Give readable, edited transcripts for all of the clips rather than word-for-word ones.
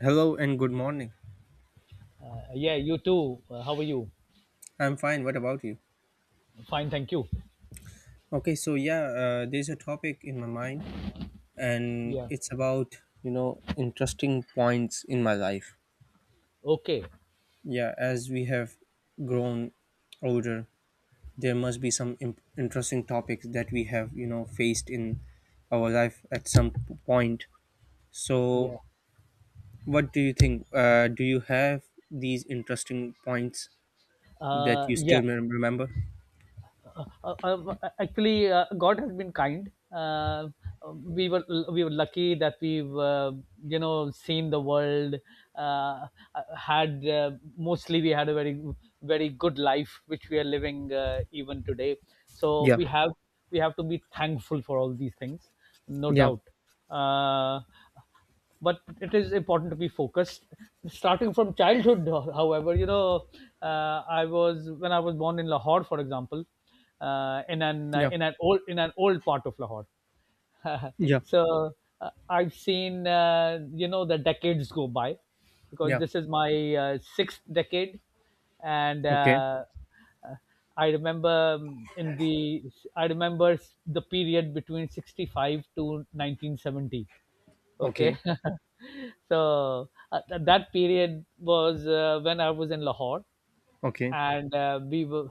Hello and good morning. Yeah, you too. How are you? I'm fine. What about you? Fine, thank you. There's a topic in my mind, and Yeah. it's about interesting points in my life. Okay. Yeah, as we have grown older, there must be some interesting topics that we have faced in our life at some point. So, Yeah. what do you think? Do you have these interesting points that Uh, you yeah. still remember? Uh, uh, actually, God has been kind. We were we were lucky that we've seen the world. Uh, had mostly we had a very good life which we are living even today. So Yeah, we have to be thankful for all these things, no yeah, doubt. Uh, but it is important to be focused starting from childhood however you know I was when I was born in Lahore, for example, yeah, in an old part of Lahore. yeah, So I've seen the decades go by, because yeah. this is my sixth decade. and Okay. uh, uh, i remember, in the I remember the period between 65 to 1970. Okay. Okay, So, that period was when I was in Lahore, okay. and we were,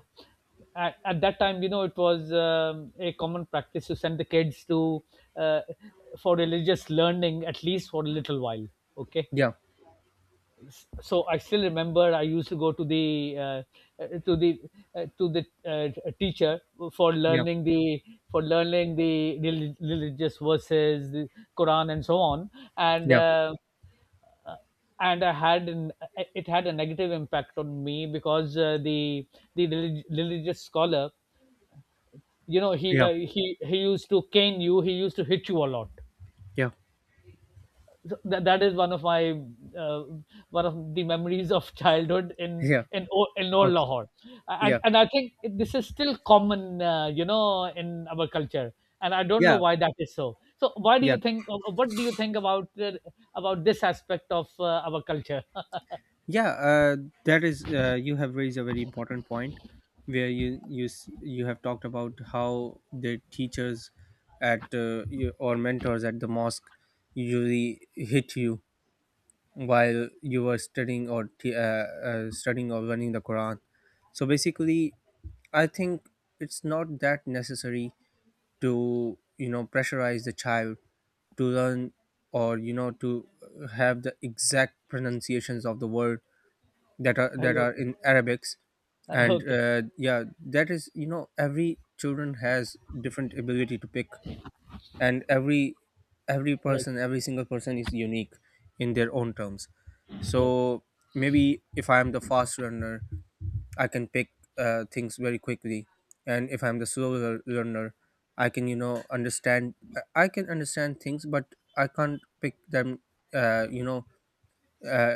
at that time, you know, it was a common practice to send the kids to uh, for religious learning, at least for a little while. Okay. Yeah, So I still remember I used to go to the to the to the teacher for yeah, learning the, for learning the religious verses, the Quran, and so on, and. yeah, Uh, uh, and I had an, it had a negative impact on me because the, the religious scholar, you know, he yeah, uh, he he used to cane you. He used to hit you a lot. yeah, So that, that is one of my uh, one of the memories of childhood in yeah. in O- in old Okay, Lahore, and yeah, and I think this is still common, you know, in our culture. And I don't know yeah, why that is so. So, why do yeah, you think? What do you think about this aspect of our culture? yeah. You have raised a very important point, where you have talked about how the teachers at or mentors at the mosque usually hit you while you were studying or studying or learning the Quran. So basically, I think it's not that necessary to pressurize the child to learn or you know to have the exact pronunciations of the word Are that you are okay? in arabics, and Okay. Yeah, that is, you know, every children has different ability to pick, and every Right. person, every single person is unique in their own terms. Right. So maybe if I am the fast learner, I can pick things very quickly, and if I'm the slow learner, I can, you know, understand, I can understand things, but I can't pick them, uh, you know uh,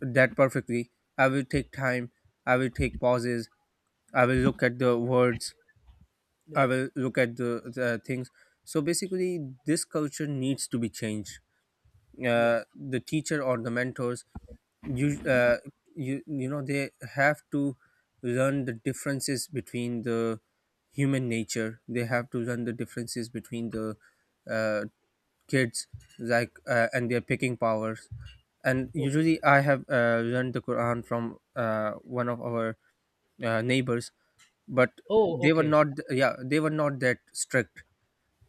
that perfectly. I will take time, I will take pauses, I will look at the words, I Right. will look at the things. So basically, this culture needs to be changed. Yeah. The teacher or the mentors, you uh, you know, they have to learn the differences between the human nature. They have to learn the differences between the uh, kids, like and their picking powers. And Okay. usually, I have learned the Quran from one of our neighbors, but Oh, they were okay. not, yeah, they were not that strict.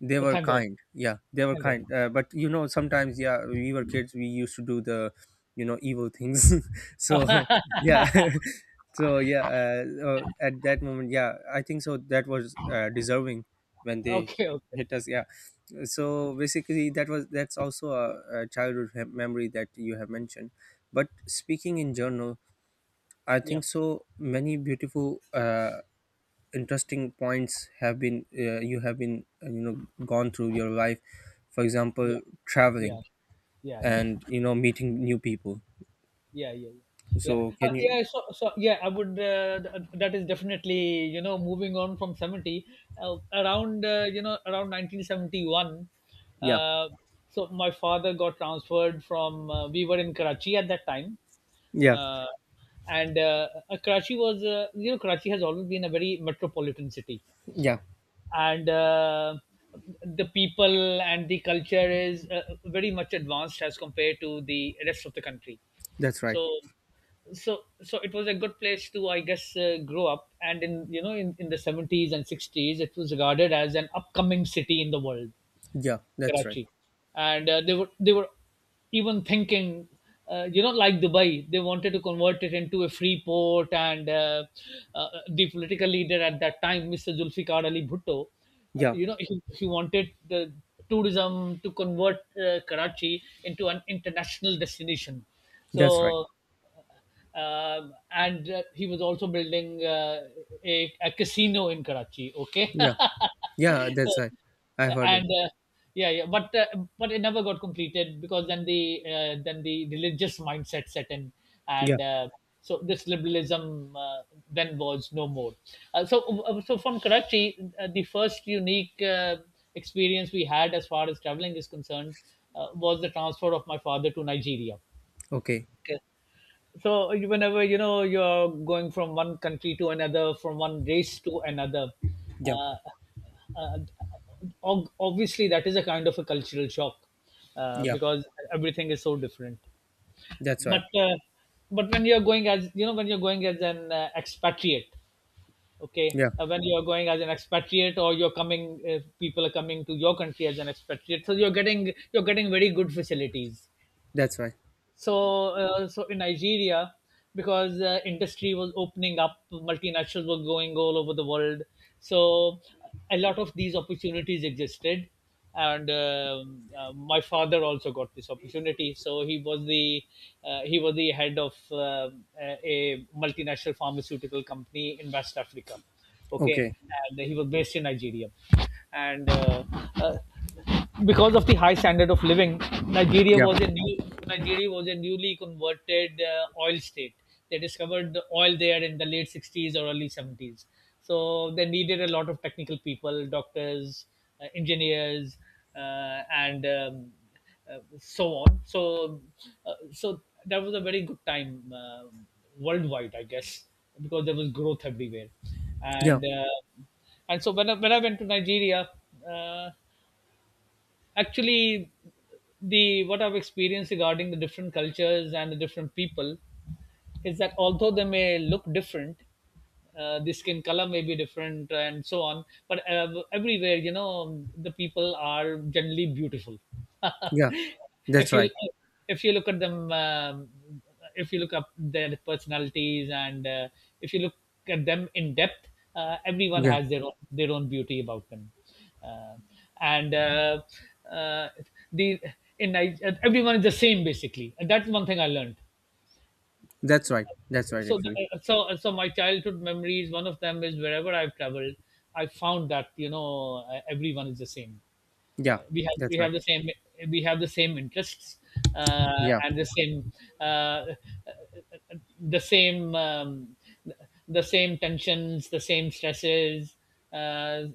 They Oh, were thank God. kind, yeah, they were Thank God. kind, but you know, sometimes, yeah, we were kids, we used to do the you know evil things. So yeah. So yeah, at that moment, yeah, I think so that was, deserving when they Okay. Okay. hit us, yeah. So basically, that was, that's also a childhood memory that you have mentioned, but speaking in general, I Yeah. think so many beautiful interesting points have been, you have been, you know, gone through your life, for example, Yeah. traveling Yeah. Yeah. Yeah. and you know meeting new people. Yeah, yeah, yeah. yeah, So uh, can you— yeah so, so yeah i would, that is definitely, you know, moving on from 70, around, around 1971, Yeah, uh, so my father got transferred from, we were in Karachi at that time, yeah, uh, and Karachi was, you know, Karachi has always been a very metropolitan city, yeah. and the people and the culture is very much advanced as compared to the rest of the country. That's right. So, so it was a good place to, I guess, grow up, and in you know in the 70s and 60s it was regarded as an upcoming city in the world, Yeah, that's right. Karachi, and they were even thinking, you know, like Dubai, they wanted to convert it into a free port, and the political leader at that time, Mr. Zulfikar Ali Bhutto, Yeah, you know, he wanted the tourism to convert Karachi into an international destination. that's right. So and he was also building a casino in Karachi. Okay. Yeah, yeah, that's right. I heard it. And yeah, but but it never got completed, because then the religious mindset set in, Yeah. and so this liberalism then was no more. So from Karachi, the first unique experience we had as far as traveling is concerned was the transfer of my father to Nigeria. Okay. Whenever you're going from one country to another, from one race to another, uh, Yeah, uh, uh, obviously that is a kind of a cultural shock, yeah, because everything is so different. that's right. But but when you're going as you know when you're going as an expatriate, okay, Yeah, when you're going as an expatriate, or you're coming, people are coming to your country as an expatriate, so you're getting, you're getting very good facilities. that's right. So in Nigeria, because industry was opening up, multinationals were going all over the world, so a lot of these opportunities existed, and my father also got this opportunity, so he was the head of a multinational pharmaceutical company in West Africa. Okay. Okay. And he was based in Nigeria, and uh, because of the high standard of living, Nigeria Yeah, was a new Nigeria was a newly converted oil state. They discovered the oil there in the late 60s or early 70s. So they needed a lot of technical people, doctors, engineers, and so on. So, so that was a very good time worldwide, I guess, because there was growth everywhere, yeah, and uh, and so when I went to Nigeria. Uh, Actually, the what I've experienced regarding the different cultures and the different people is that although they may look different, the skin color may be different and so on, but everywhere, you know, the people are generally beautiful. yeah, that's If you, right. if you look at them, if you look up their personalities, and if you look at them in depth, everyone Yeah, has their own beauty about them, uh, and uh, the everyone is the same, basically, and that's one thing I learned. that's right. That's right, so actually. th- so uh, so my childhood memories, one of them is wherever I've traveled, I found that, you know, everyone is the same. Yeah, uh, we have that's we right. have the same, we have the same interests, Yeah, and the same, uh, uh, the same um, the same tensions, the same stresses, uh,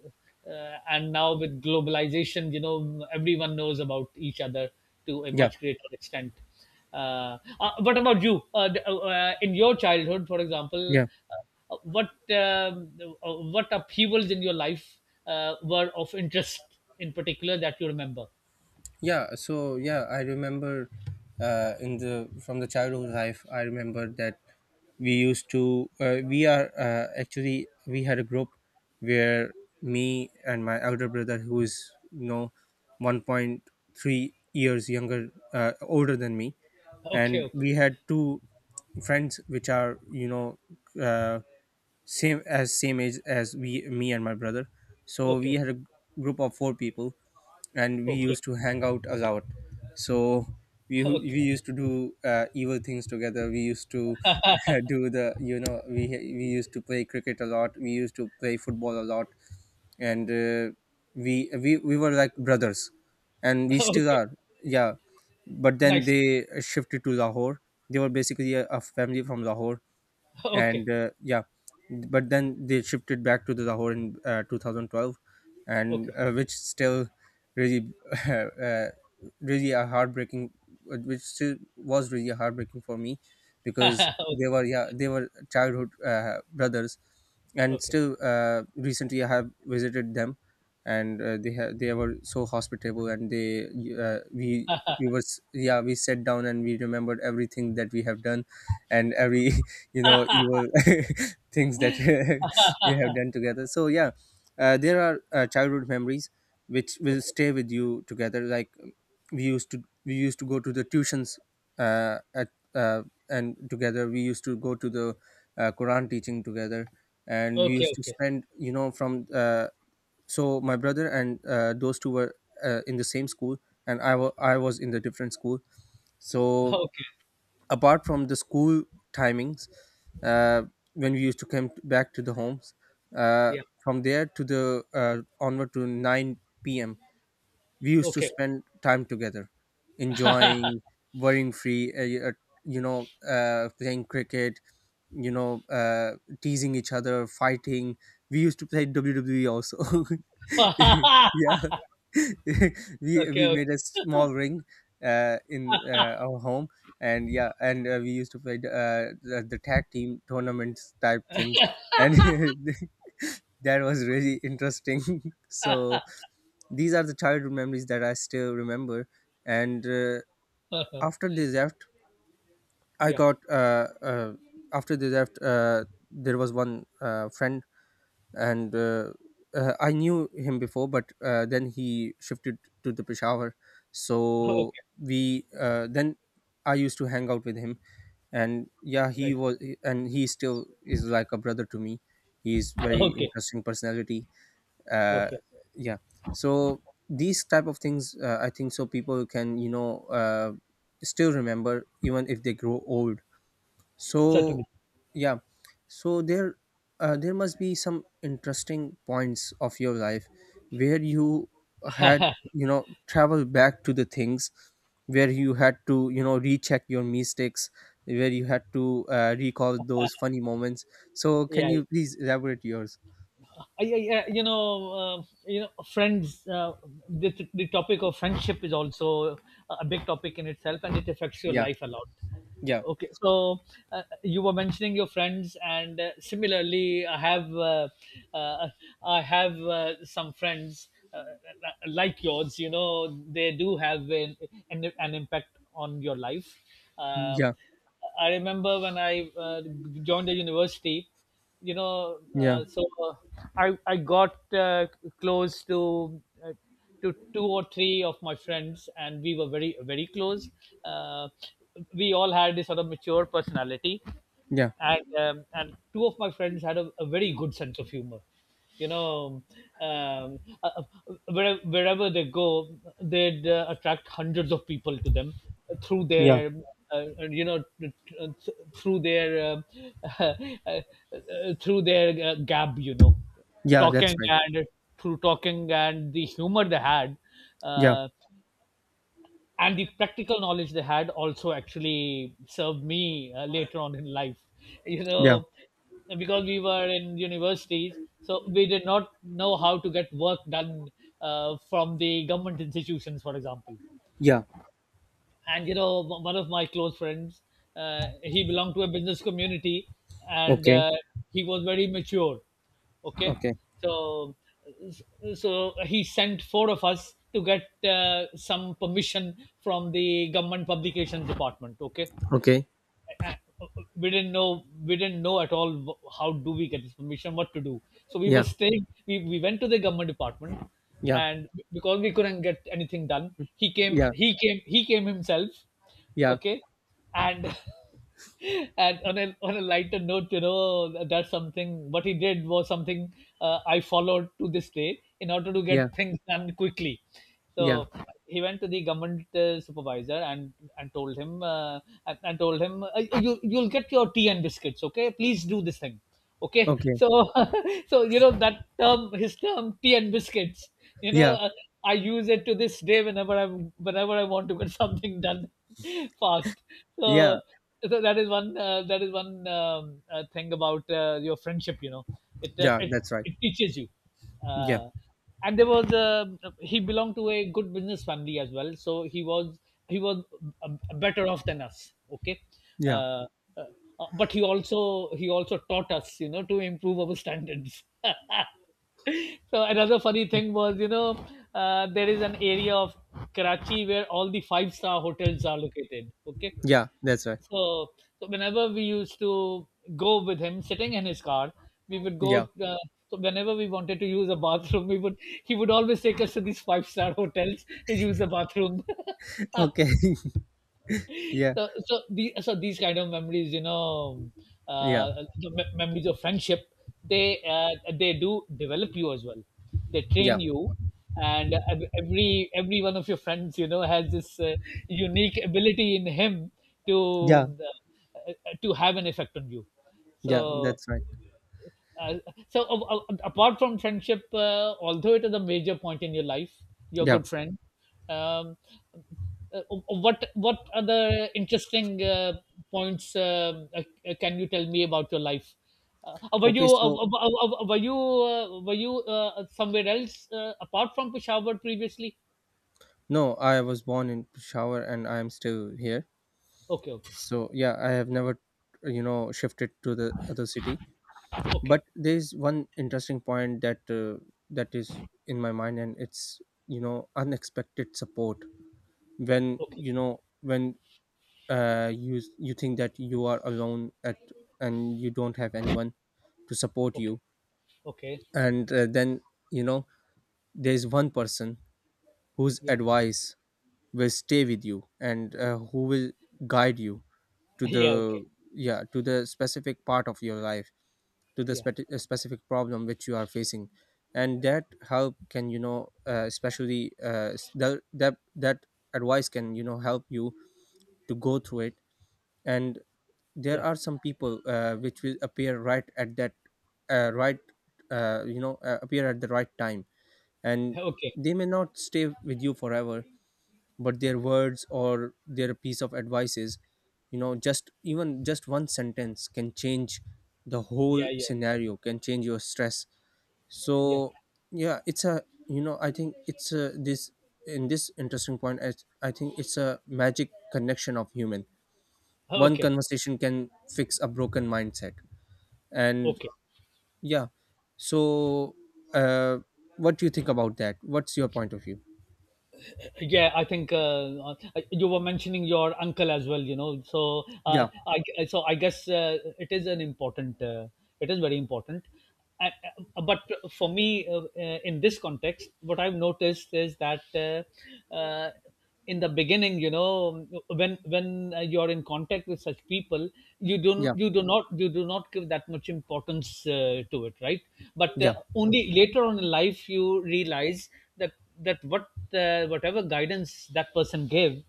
and now, with globalization, you know, everyone knows about each other to a yeah, much greater extent. What about you, in your childhood, for example, yeah, uh, What what upheavals in your life were of interest, in particular, that you remember? yeah. So yeah, I remember, in the from the childhood life, I remember that we used to we are actually we had a group where me and my elder brother, who is, you know, 1.3 years younger, older than me, Okay, and okay, we had two friends, which are, you know, uh, same as, same age as we me and my brother. So we okay, had a group of four people, and we okay, used to hang out a lot. So we okay, used to do evil things together. We used to do the, you know, we used to play cricket a lot, we used to play football a lot, and we were like brothers, and we still okay. are, yeah. But then Nice. they shifted to Lahore. They were basically a family from Lahore. Okay, And yeah, but then they shifted back to the Lahore in 2012. And okay. Which still really uh, really a heartbreaking which still was really heartbreaking for me, because Okay, they were, yeah, they were childhood brothers. And okay, still, recently I have visited them, and they were so hospitable, and they uh, we we was yeah, we sat down and we remembered everything that we have done, and every you know evil things that we have done together. So yeah, there are childhood memories which will okay, stay with you together, like we used to go to the tuitions at uh, and together we used to go to the Quran teaching together, and we okay, used to okay, spend, you know, from so my brother and those two were in the same school, and I was in the different school. So okay. apart from the school timings, uh, when we used to come back to the homes, uh, Yeah. from there to the onward to 9 p.m, we used to Okay. spend time together, enjoying, worrying free, playing cricket, you know, teasing each other, fighting. We used to play wwe also. Yeah. we we Okay. made a small ring in our home, and yeah, and we used to play the tag team tournaments type things, and that was really interesting. So these are the childhood memories that I still remember. And Okay. after they left, I Yeah. got uh, uh, after they left, there was one friend, and I knew him before, but then he shifted to the Peshawar. So Okay. we then I used to hang out with him, and yeah, he Right. was, and he still is like a brother to me. He's very Okay. interesting personality. uh, Okay. yeah, so these type of things, I think so people can, you know, still remember even if they grow old. So Certainly. yeah, so there must be some interesting points of your life where you had, Yeah. you know, travel back to the things where you had to, you know, recheck your mistakes, where you had to recall those funny moments. So can Yeah. you please elaborate yours? You know, friends. The topic of friendship is also a big topic in itself, and it affects your Yeah, life a lot. yeah, Okay, so you were mentioning your friends, and similarly, I have, uh, I have some friends like yours. You know, they do have an, an impact on your life. Uh, yeah, I remember when I joined the university. You know, yeah, so I got close to, to two or three of my friends, and we were very very close. Uh, we all had this sort of mature personality, yeah, and two of my friends had a very good sense of humor, you know, um, uh, wherever, wherever they go, they'd attract hundreds of people to them through yeah, their, uh, you know th- through their uh, uh, through their gab, you know, yeah. That's talking, right. and through talking and the humor they had, Yeah, uh, and the practical knowledge they had also actually served me later on in life. You yeah, know, because we were in universities, so we did not know how to get work done from the government institutions, for example. yeah. And you know, one of my close friends, he belonged to a business community, and Okay, he was very mature. Okay, okay, so so he sent four of us to get some permission from the government publications department. Okay, okay. uh, we didn't know we didn't know at all, how do we get this permission, what to do? So we were Yeah, staying, we went to the government department, yeah, and because we couldn't get anything done, he came yeah, he came, he came himself. yeah, Okay. And and on a lighter note, you know, that's something, what he did was something I followed to this day in order to get yeah, things done quickly. So yeah. he went to the government supervisor and told him, and told him, you, you'll get your tea and biscuits. Okay, please do this thing. Okay, Okay. so so you know, that term, his term, tea and biscuits, you know, Yeah, I use it to this day, whenever I, whenever I want to get something done fast. so yeah, so that is one thing about your friendship, you know, it yeah, it, that's right. it teaches you. Yeah, uh, and there was a, he belonged to a good business family as well, so he was, he was, uh, better off than us. Okay. yeah, uh, uh, but he also, he also taught us, you know, to improve our standards. So another funny thing was, there is an area of Karachi where all the five-star hotels are located. Okay, yeah, that's right. so so whenever we used to go with him, sitting in his car, we would go. Yeah. So whenever we wanted to use a bathroom, we would he would always take us to these five-star hotels to use the bathroom. Okay. Yeah, So these kind of memories you know yeah, the me- memories of friendship, they do develop you as well, they yeah, train you. And every one of your friends has this unique ability in him yeah, to have an effect on you. yeah, so that's right. uh, so uh, uh, apart from friendship, although it is a major point in your life, your Yeah. good friend, um, uh, uh, what other interesting points, can you tell me about your life? Uh, were you Okay, so were you were you somewhere else, apart from Peshawar previously? no, I was born in Peshawar, and I am still here. Okay. Okay. So yeah, I have never, you know, shifted to the other city. But Okay. there's one interesting point that that is in my mind, and it's, you know, unexpected support. Okay. When you you think that you are alone at, and you don't have anyone to support Okay. you, Okay. and then, you know, there's one person whose Yeah. advice will stay with you, and who will guide you to Yeah. the, Okay. yeah, to the specific part of your life, to the Yeah. Specific problem which you are facing, and that help can, you know, especially s- that that that advice can, you know, help you to go through it. And there Yeah. are some people which will appear right at that uh, right appear at the right time, and Okay. they may not stay with you forever, but their words or their piece of advices, you know, just even just one sentence can change the whole Yeah, yeah, scenario, can change your stress. yeah. So yeah, it's a, you know, I think it's a, this in this interesting point, I think it's a magic connection of human. One Okay. conversation can fix a broken mindset. And Okay. yeah, so uh what do you think about that? What's your point of view? Yeah, I think you were mentioning your uncle as well. You know, so Yeah, I so I guess it is an important. It is very important. And, but for me, in this context, what I've noticed is that in the beginning, you know, when you're in contact with such people, you don't yeah, you do not you do not give that much importance to it, right? But yeah. only later on in life you realize that that what whatever guidance that person gave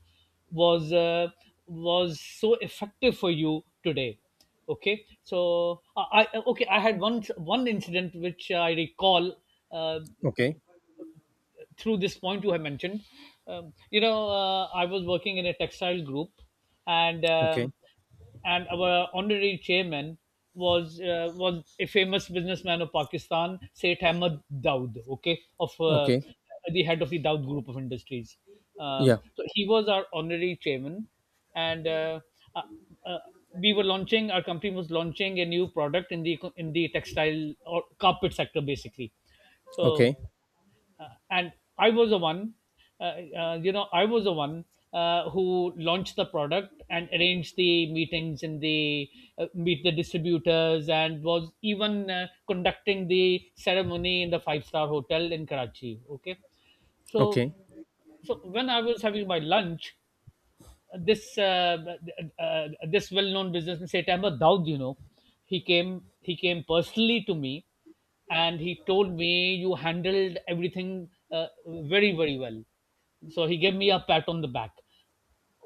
was uh, was so effective for you today. Okay, I had one incident which I recall uh, Okay, through this point you have mentioned. I was working in a textile group, and okay, um, and our honorary chairman was a famous businessman of Pakistan, Seth Ahmed Daud, okay, of okay. the head of the Daud Group of Industries. Yeah. So he was our honorary chairman, and uh, uh, we were launching, our company was launching a new product in the textile or carpet sector basically. Okay. So and I was the one, uh, you know, I was the one who launched the product and arranged the meetings in the meet the distributors and was even conducting the ceremony in the five-star hotel in Karachi. Okay, so Okay. so when I was having my lunch, this this well-known businessman Setamba Daud, you know, he came personally to me, and he told me you handled everything very very well. So he gave me a pat on the back.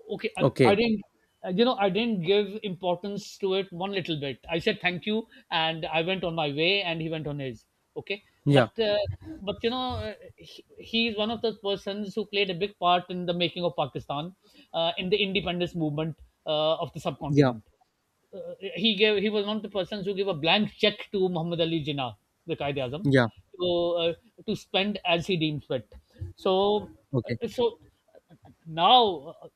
Okay, I Okay. didn't you know, I didn't give importance to it one little bit. I said thank you and I went on my way and he went on his. Okay. Yeah. But but you know uh, he, he is one of those persons who played a big part in the making of Pakistan, in the independence movement of the Yeah. subcontinent. uh, he was one of the persons who gave a blank check to Muhammad Ali Jinnah, the Qaeda Azam, Yeah. to uh, to spend as he deemed fit. So Okay. uh, so now,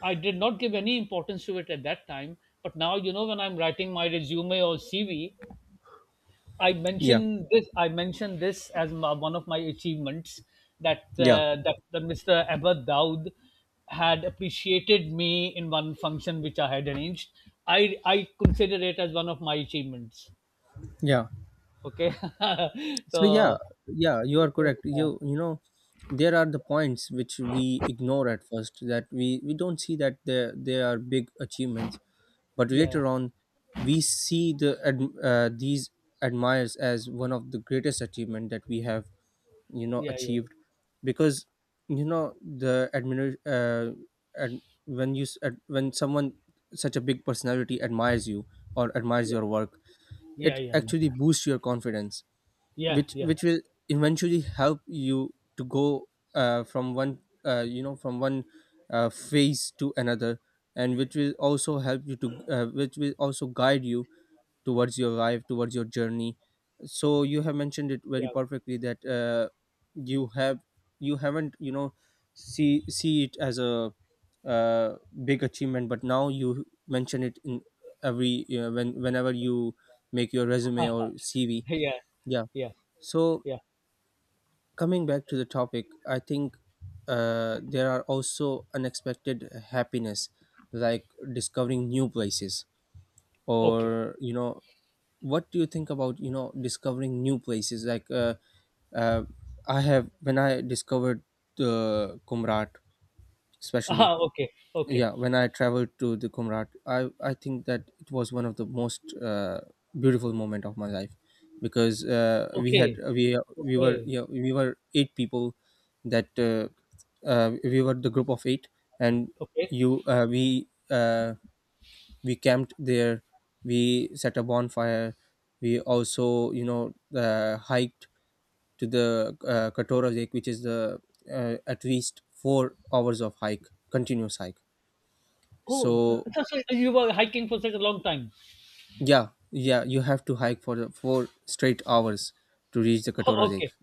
I did not give any importance to it at that time. But now you know when I'm writing my resume or CV, I Yeah. mentioned this. I mentioned this as my, one of my achievements, that Yeah. That, the Mr. Abad Daud had appreciated me in one function which I had arranged. I consider it as one of my achievements. Yeah. Okay, So yeah, so yeah, you are correct. uh, You know, there are the points which we ignore at first, that we don't see that there they are big achievements, but yeah, later on, we see the these admires as one of the greatest achievement that we have yeah, yeah, achieved, because you know the admir- and when when someone, such a big personality, admires you or admires yeah, your work, yeah, it yeah, yeah, actually boosts your confidence, yeah, which yeah, will eventually help you to go from one, from one phase to another, and which will also guide you towards your life, towards your journey. So you have mentioned it very yeah, perfectly that, you have you haven't, see it as a, uh, big achievement, but now you mention it in every, whenever you make your resume or CV. yeah, Yeah. yeah, So yeah. coming back to the topic, I think there are also unexpected happiness, like discovering new places. Okay, Or, what do you think about, discovering new places, like uh, I have when I discovered the Kumrat especially? ah, okay, okay, Yeah, when I traveled to the Kumrat, I think that it was one of the most beautiful moment of my life. Because okay, we were, okay, yeah, we were eight people, that we were the group of eight. And okay. you we camped there, we set a bonfire, we also, hiked to the, Katora Lake, which is the, at least 4 hours of hike, continuous hike. Oh, So so so you were hiking for such a long time. yeah, yeah, you have to hike for the four straight hours to reach the Katora Oh, Lake. okay.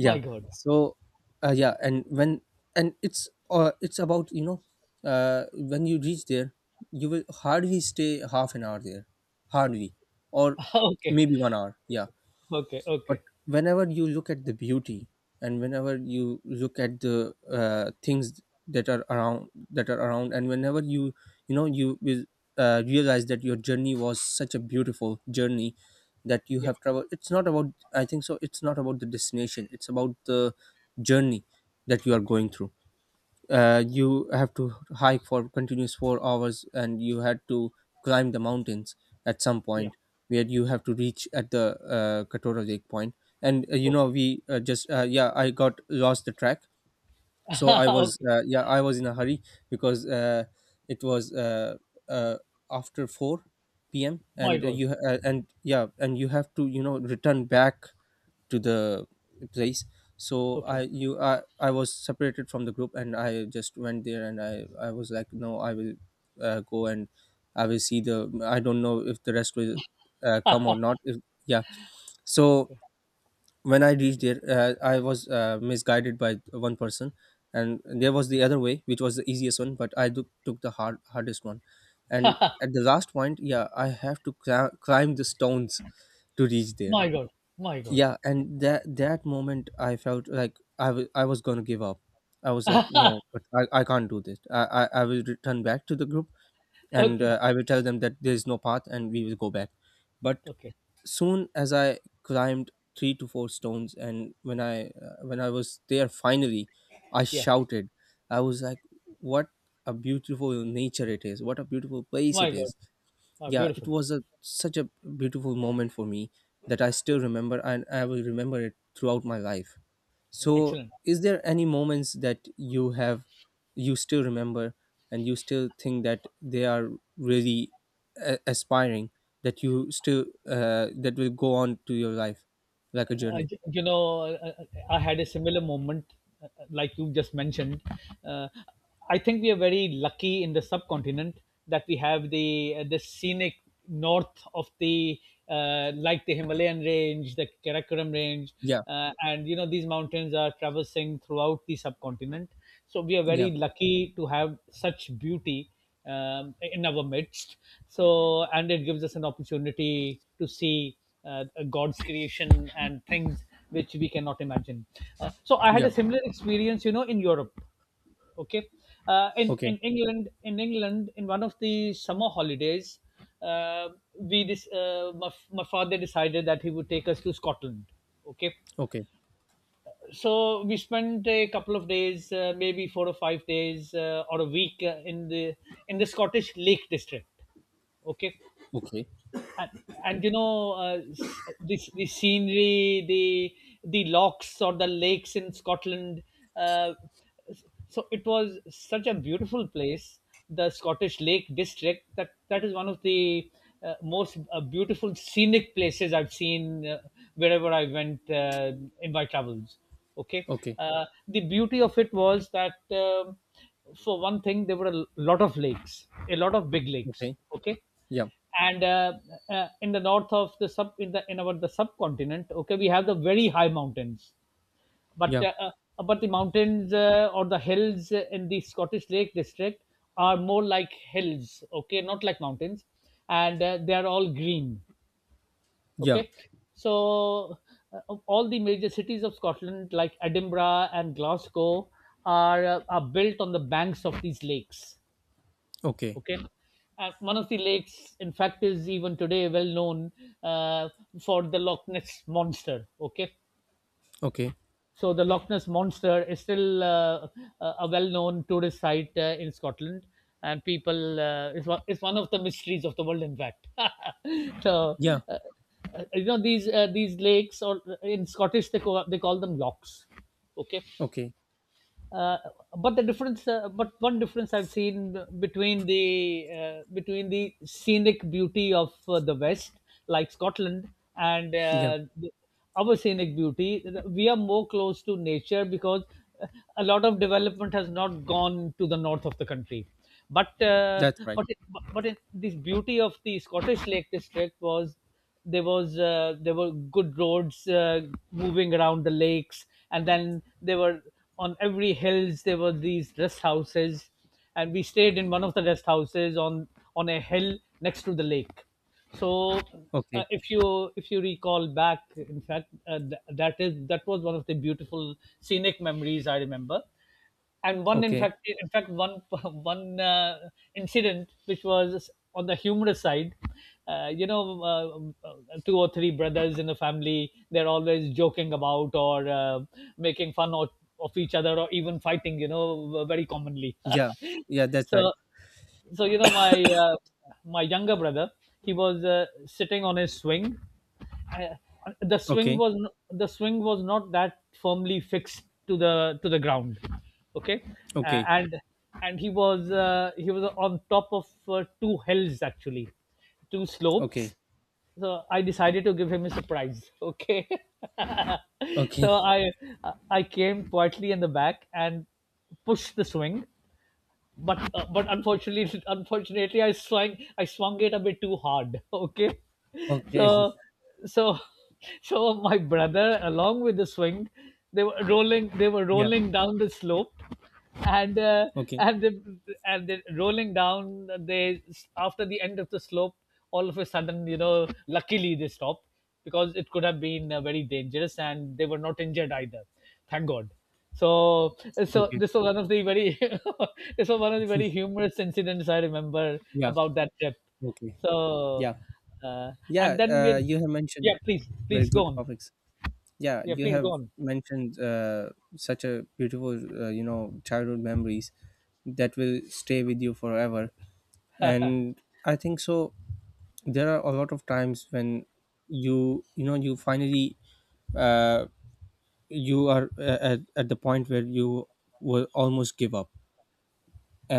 My God. So yeah. And when and it's about, when you reach there, you will hardly stay half an hour there, hardly, or Okay. maybe 1 hour. Yeah. Okay. But Okay. whenever you look at the beauty, and whenever you look at the, things that are around, and whenever you will, realize that your journey was such a beautiful journey that you Yeah. have traveled. It's not about... I think so, it's not about the destination, it's about the journey that you are going through. You have to hike for continuous 4 hours, and you had to climb the mountains at some Yeah. point, where you have to reach at the, Katora Lake point. And, Okay. We just yeah, I got lost the track. So I was Okay. Yeah, I was in a hurry, because it was, uh, after 4 p.m., My and God. Yeah, and you have to, return back to the place. So I Okay. you I was separated from the group, and I just went there, and I was like, no, I will go and I will see the... I don't know if the rest will come or not, if... yeah. So Okay. when I reached there, I was misguided by one person, and there was the other way which was the easiest one, but took the hardest one. And at the last point, yeah, I have to climb the stones to reach there. My God. My God. Yeah, and that moment I felt like, I was gonna give up. I was like, no, but I can't do this, I will return back to the group and Okay. I will tell them that there is no path and we will go back. But Okay. soon as I climbed three to four stones, and when I was there finally, I Yeah. shouted, I was like, what a beautiful nature it is, what a beautiful place My it God. is. Ah, Yeah, it beautiful. was a such a beautiful moment for me that I Yeah. still remember, and I will remember it throughout my life. So Excellent. is there any moments that you have, you still remember, and you still think that they are really aspiring, that you still that will go on to your life like a I, journey? you know, uh, uh, I had a similar moment, like you just mentioned. Uh, I think we are very lucky in the subcontinent that we have the scenic north of the like the Himalayan range, the Karakoram range, Yeah, and you know these mountains are traversing throughout the subcontinent. So we are yeah, very lucky to have such beauty in our midst. So, and it gives us an opportunity to see uh, God's creation and things which we cannot imagine. So I had yeah. a similar experience, you know, in Europe. Okay, Okay, in England, in England, in one of the summer holidays, uh, my, my father decided that he would take us to Scotland. Okay, okay, so we spent a couple of days maybe 4 or 5 days or a week in the Scottish Lake District. Okay. okay. and, and you know the scenery, the locks or the lakes in Scotland, uh, so it was such a beautiful place, the Scottish Lake District. That that is one of the most beautiful scenic places I've seen wherever I went in my travels. Okay. Okay, Uh, the beauty of it was that um, for one thing, there were a lot of lakes, a lot of big lakes. okay. Okay. Yeah, And in the north of the sub, in the in our the subcontinent, okay, we have the very high mountains, but yeah, uh, but the mountains or the hills in the Scottish Lake District are more like hills, okay, not like mountains. And they are all green. yeah. Okay. So of all the major cities of Scotland, like Edinburgh and Glasgow, are built on the banks of these lakes. Okay, Okay. Uh, one of the lakes in fact is even today well known uh, for the Loch Ness monster. Okay. okay. So the Loch Ness monster is still a well-known tourist site in Scotland, and people is one of the mysteries of the world in fact. So Yeah. uh, you know these lakes, or in Scottish they call them locks. Okay. Okay. Uh, but the difference but one difference I've seen between the scenic beauty of the West, like Scotland, and Yeah, the- our scenic beauty, we are more close to nature, because uh, a lot of development has not gone to the north of the country, but uh, that's right. but but in, this beauty of the Scottish Lake District was, there was there were good roads moving around the lakes, and then there were on every hills there were these rest houses, and we stayed in one of the rest houses on a hill next to the lake. So uh, Okay. if you if you recall back, in fact that is, that was one of the beautiful scenic memories I remember. And one in Okay. fact, in fact one one incident which was on the humorous side, you know, uh, uh, two or three brothers in a family, they're always joking about or making fun of each other or even fighting, you know, very commonly. Yeah. Yeah, that's right. So so you know my my younger brother, he was sitting on his swing. I, Okay. The swing was not that firmly fixed to the ground. Okay. Uh, Okay. And he was on top of two hills actually, two Okay. slopes. So I decided to give him a surprise. Okay. Okay. So I came quietly in the back and pushed the swing, but unfortunately I swung it a bit too hard. Okay. Okay. So so so my brother, along with the swing, they were rolling they were Yeah. rolling down the slope, and uh, Okay. and they, and they rolling down, they after the end of the slope, all of a sudden, you know, luckily they stopped, because it could have been very dangerous, and they were not injured either. Thank God. So, so Okay. this was one of the very, this was one of the very humorous incidents I remember Yeah. about that trip. Okay. So, Yeah. uh, and Yeah. then we, You have mentioned yeah, please, very please go good on. topics. Yeah. Yeah, You please go have on. mentioned, such a beautiful, childhood memories that will stay with you forever. And I think so. There are a lot of times when you finally, uh, you are at the point where you will almost give up,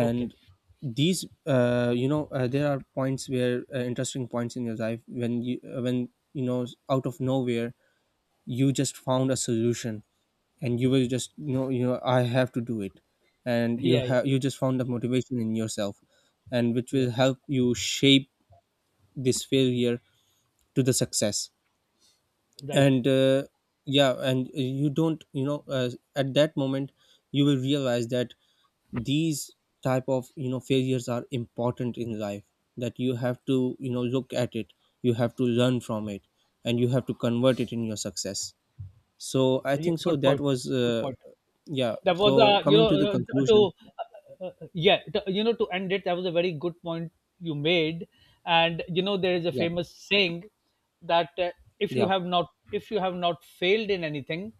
Okay. these, there are points where, interesting points in your life, when you know out of nowhere you just found a solution. And you will just, I have to do it. And Yeah, yeah, yeah, you just found the motivation in yourself, and which yeah. will help you shape this failure to the success. Right. And yeah. And you don't you know at that moment you will realize that these type of, failures are important in life, that you have to, look at it, you have to learn from it, and you have to convert it in your success. So I Yeah, think so good that point. was Good point. yeah, That was so a you coming know to the conclusion. to yeah, to, you know, to end it, that was a very good point you made. And you know there is a Yeah, famous saying that if you yeah, have not if you have not failed in anything,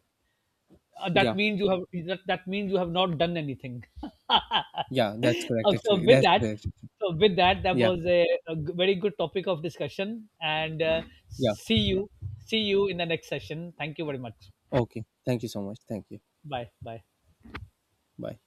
that yeah. means you have, that means you have not done anything. Yeah, that's correct, so actually, with that's that, correct. so with that, that Yeah, was a, very good topic of discussion, and yeah. see you, see you in the next session. Thank you very much. Okay, thank you so much, thank you. Bye bye. Bye.